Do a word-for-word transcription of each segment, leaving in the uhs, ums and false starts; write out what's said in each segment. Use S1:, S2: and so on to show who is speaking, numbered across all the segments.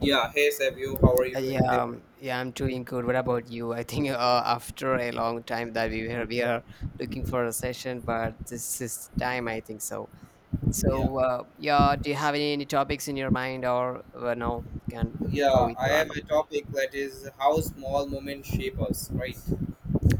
S1: Yeah, hey Savio, how are you
S2: Uh, Yeah,
S1: doing today?
S2: um, yeah, I'm doing good. What about you? I think uh, after a long time that we were we
S1: Yeah.
S2: are looking for a session, but this is time, I think so.
S1: Yeah,
S2: So, uh, yeah, do you have any, any topics in your mind, or uh, no? Can go
S1: yeah,
S2: with
S1: I
S2: the
S1: have a
S2: random
S1: topic that is how small moments shape us, right?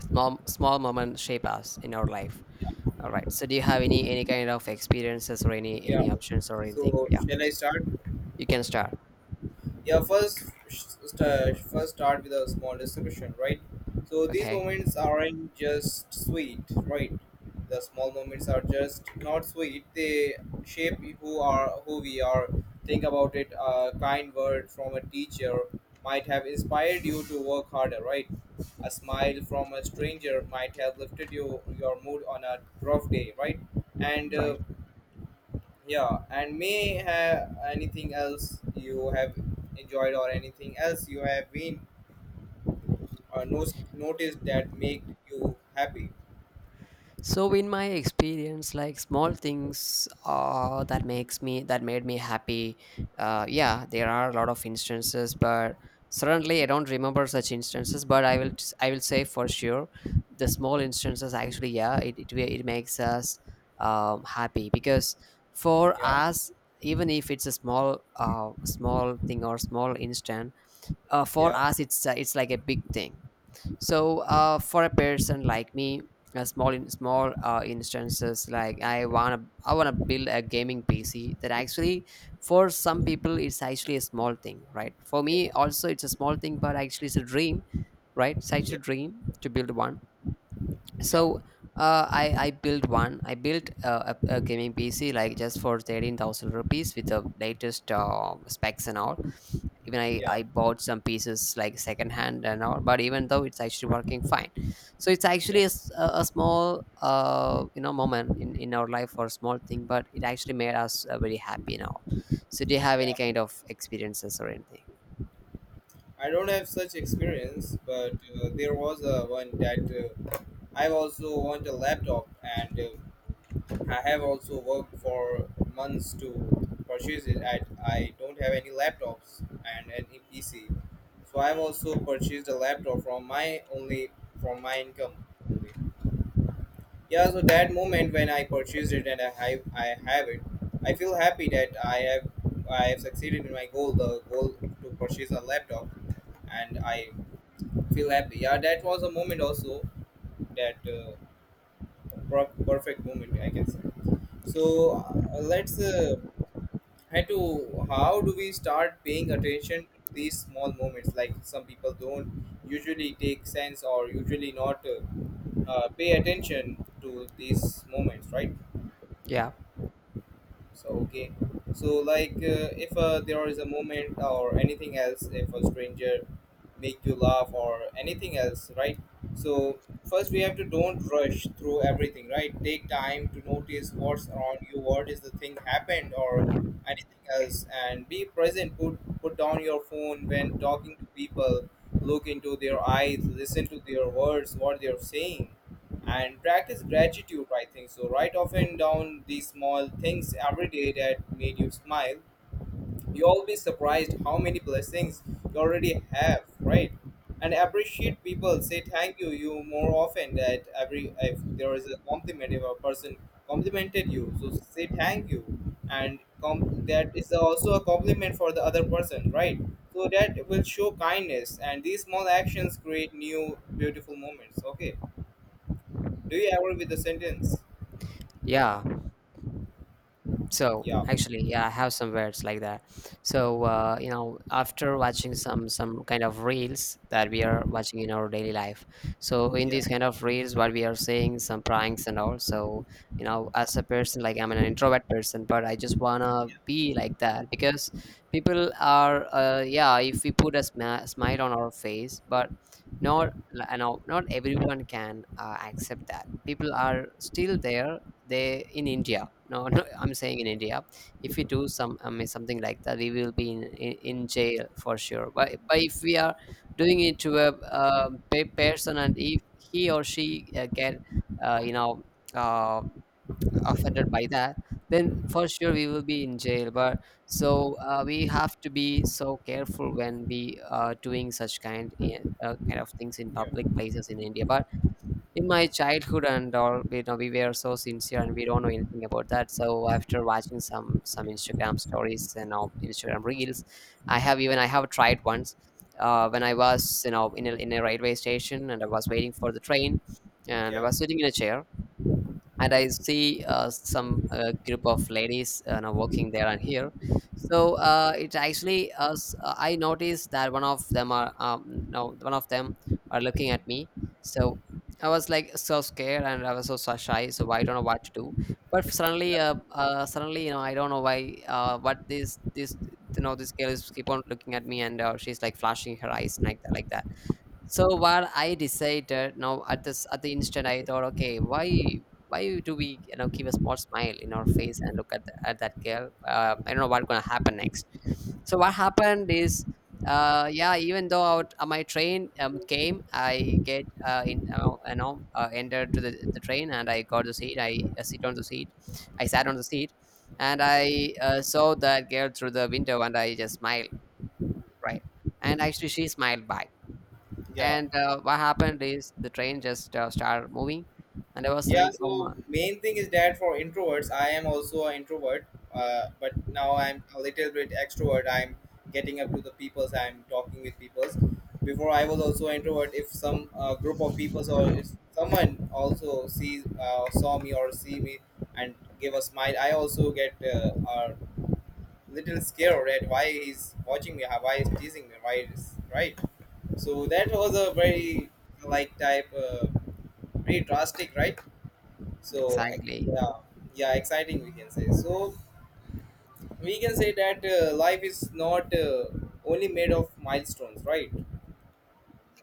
S2: small small moment shape us in our life.
S1: Yeah,
S2: All right. So, do you have any any kind of experiences or any
S1: yeah.
S2: any options or anything?
S1: So,
S2: Yeah,
S1: shall I start?
S2: you can start.
S1: Yeah, first st- first start with a small description, right? So these
S2: Okay,
S1: moments aren't just sweet, right? The small moments are just not sweet, they shape who are who we are. Think about it, a kind word from a teacher might have inspired you to work harder, right? A smile from a stranger might have lifted you your mood on a rough day, right? and uh,
S2: right.
S1: yeah, and may have anything else you have enjoyed or anything else you have been or no- noticed that make you happy.
S2: So in my experience, like small things uh, that makes me that made me happy. Uh, yeah, there are a lot of instances, but certainly I don't remember such instances. But I will I will say for sure, the small instances actually, yeah, it it, it makes us um, happy because for
S1: Yeah,
S2: us, even if it's a small uh, small thing or small instant, uh, for
S1: yeah,
S2: us it's uh, it's like a big thing. So, uh, for a person like me, a small in small uh, instances, like I wanna I wanna build a gaming P C. That actually, for some people it's actually a small thing, right? For
S1: yeah,
S2: me also it's a small thing, but actually it's a dream, right? It's actually
S1: yeah,
S2: a dream to build one.
S1: yeah,
S2: So uh, I I built one. I built uh, a, a gaming P C like just for thirteen thousand rupees with the latest uh, specs and all. Even I
S1: yeah,
S2: I bought some pieces like secondhand and all, but even though it's actually working fine, so it's
S1: yeah,
S2: actually a, s- a- a small uh you know moment in in our life or small thing, but it actually made us uh, very happy and all. So do you have any
S1: yeah.
S2: kind of experiences or anything?
S1: I don't have such experience, but uh, there was a one that uh, I also want a laptop and uh, I have also worked for months to purchase it. I, I don't have any laptops and any P C, so I've also purchased a laptop from my only from my income only. Yeah, so that moment when I purchased it and I have I have it, I feel happy that I have I have succeeded in my goal, the goal to purchase a laptop, and I feel happy. Yeah, that was a moment also that uh, per- perfect moment I can say. So uh, let's. Uh, had to how do we start paying attention to these small moments, like some people don't usually take sense or usually not uh, uh, pay attention to these moments, right?
S2: Yeah,
S1: So okay, so like uh, if uh, there is a moment or anything else, if a stranger make you laugh or anything else, right? So first we have to don't rush through everything, right? Take time to notice what's around you, what is the thing happened or anything else, and be present. Put put down your phone when talking to people. Look into their eyes, listen to their words, what they're saying, and practice gratitude, I think so. Write often down these small things every day that made you smile, you'll be surprised how many blessings you already have, right? And appreciate people, say thank you you more often, that every if there is a compliment, if a person complimented you, so say thank you, and com- that is also a compliment for the other person, right? So that will show kindness, and these small actions create new beautiful moments. Okay, do you agree with the sentence?
S2: yeah. So
S1: Yeah.
S2: actually, yeah, I have some words like that. So uh, you know, after watching some some kind of reels that we are watching in our daily life, so in
S1: Yeah,
S2: these kind of reels, what we are seeing some pranks and all. So you know, as a person, like I'm an introvert person, but I just wanna
S1: yeah,
S2: be like that because people are, uh, yeah, if we put a smi- smile on our face, but
S1: yeah,
S2: not, you know, not everyone can uh, accept that. People are still there, they in India, no, no, I'm saying in India, if we do some, I mean, something like that, we will be in, in, in jail for sure, but, but if we are doing it to a, um pe person, and if he or she uh, get uh, you know uh, offended by that, then for sure we will be in jail. But so uh, we have to be so careful when we are doing such kind eh, uh, kind of things in
S1: yeah,
S2: public places in India. But in my childhood and all, you know, we were so sincere and we don't know anything about that. So after watching some some Instagram stories and, you know, Instagram reels, i have even I have tried once, uh, when I was, you know, in a, in a railway station and I was waiting for the train, and I
S1: yeah,
S2: was sitting in a chair, and I see uh, some uh, group of ladies uh, now walking there and here. So uh, it actually, uh, s- uh, I noticed that one of them are um, no, one of them are looking at me. So I was like so scared and I was so so shy. So I don't know what to do. But suddenly, uh, uh, suddenly, you know, I don't know why. Uh, what this this you know this girl is keep on looking at me, and uh, she's like flashing her eyes like that, like that. So what I decided now at this at the instant, I thought, okay, why why do we, you know, give a small smile in our face and look at the, at that girl? Uh, I don't know what's gonna happen next. So what happened is, uh, yeah, even though out, uh, my train um, came, I get uh, in uh, you know uh, entered to the, the train, and I got the seat. I uh, sit on the seat. I sat on the seat, and I uh, saw that girl through the window and I just smiled, right, and actually she smiled back.
S1: yeah,
S2: And uh, what happened is the train just uh, started moving, and I was
S1: yeah.
S2: like, "Oh my,
S1: So main thing is that for introverts, I am also an introvert, uh, but now I'm a little bit extrovert. I'm getting up to the peoples, I'm talking with peoples. Before I was also an introvert. If some uh, group of peoples, or if someone also sees uh, saw me or see me and give a smile, I also get uh, uh, little scared at why he's watching me, why he's teasing me, why is, right. So that was a very like type, uh, very drastic, right? So ex-
S2: exactly,
S1: yeah, yeah, exciting we can say. So we can say that uh, life is not uh, only made of milestones, right?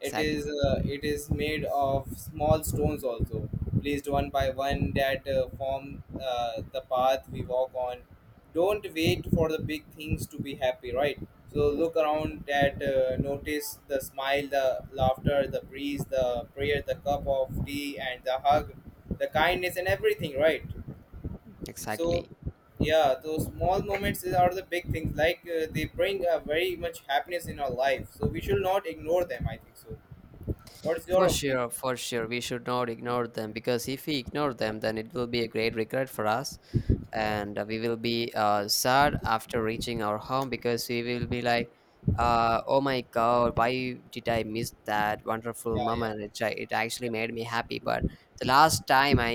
S1: It is uh, it is made of small stones also, placed one by one that uh, form uh, the path we walk on. Don't wait for the big things to be happy, right? So look around, that uh, notice the smile, the laughter, the breeze, the prayer, the cup of tea and the hug, the kindness and everything, right? So
S2: exactly."
S1: yeah, those small moments is- are the big things, like uh, they bring a very much happiness in our life, so we should not ignore them, I think so. What's your
S2: For
S1: opinion?
S2: sure, for sure, we should not ignore them, because if we ignore them, then it will be a great regret for us.
S1: Yeah,
S2: And uh, we will be uh, sad after reaching our home, because we will be like, uh, oh my god, why did I miss that wonderful
S1: yeah, yeah,
S2: moment? It, ja- it actually
S1: yeah,
S2: made me happy. But the last time I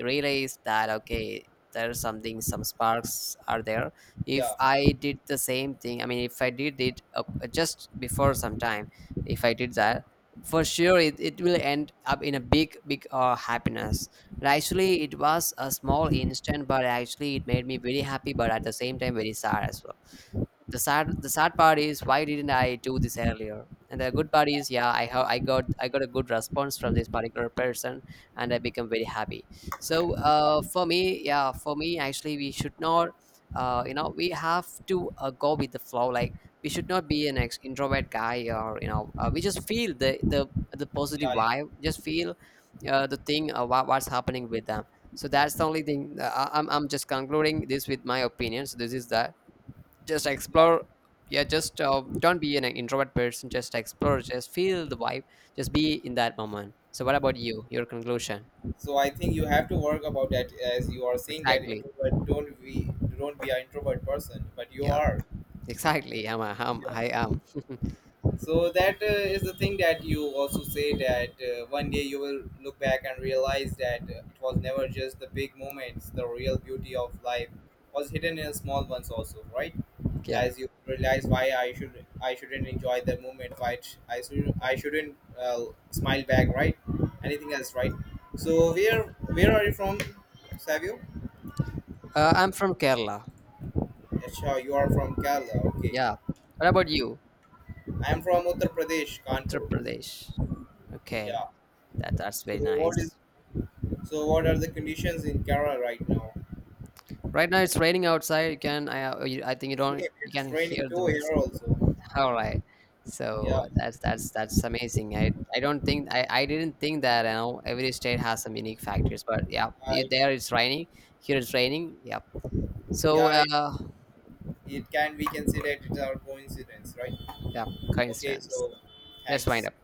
S2: realized that, okay, there's something, some sparks are there. If
S1: yeah,
S2: I did the same thing, I mean, if I did it, uh, just before some time, if I did that, for sure it, it will end up in a big big uh, happiness. But actually, it was a small instant, but actually, it made me very happy, but at the same time, very sad as well. The sad the sad part is, why didn't I do this earlier? And the good part is, yeah, i have i got I got a good response from this particular person, and I become very happy. So uh, for me, yeah, for me actually, we should not, uh, you know, we have to uh, go with the flow. Like, we should not be an ex- introvert guy, or you know, uh, we just feel the the the positive
S1: yeah, yeah.
S2: vibe, just feel uh, the thing, uh, what, what's happening with them. So that's the only thing, uh, I, I'm, I'm just concluding this with my opinion. So this is that, just explore, yeah, just uh, don't be an introvert person, just explore, just feel the vibe, just be in that moment. So what about you, your conclusion?
S1: So I think you have to work about that, as you are saying that
S2: Exactly.
S1: introvert. Don't be don't be an introvert person, but you
S2: Yeah,
S1: are.
S2: exactly. i'm, a, I'm
S1: Yeah.
S2: i am.
S1: So that uh, is the thing that you also say that uh, one day you will look back and realize that uh, it was never just the big moments. The real beauty of life was hidden in small ones also, right?
S2: Yeah,
S1: As you realize why I should I shouldn't enjoy the moment, why it- I should I shouldn't uh, smile back, right? Anything else, right? So where where are you from, Savio?
S2: uh, I'm from Kerala.
S1: Yeah, sure, you are from Kerala. Okay,
S2: Yeah, what about you?
S1: I am from Uttar Pradesh,
S2: Uttar
S1: Kanpur.
S2: Pradesh, okay.
S1: Yeah.
S2: That that's
S1: So
S2: very
S1: what
S2: nice.
S1: is So what are the conditions in Kerala right now?
S2: Right now it's raining outside. You can, i uh, i think you
S1: Same,
S2: don't, you can
S1: it's raining
S2: hear the
S1: too here
S2: voice.
S1: also.
S2: All right.
S1: Yeah,
S2: So that's that's that's amazing. I I don't think, I I didn't think that, you know, every state has some unique factors, but yeah, you,
S1: I,
S2: there it's raining, here it's raining. Yep. So
S1: yeah, it,
S2: uh,
S1: it can we can say that it's our coincidence, right?
S2: yeah,
S1: Okay,
S2: coincidence.
S1: so
S2: Let's wind
S1: thanks.
S2: up.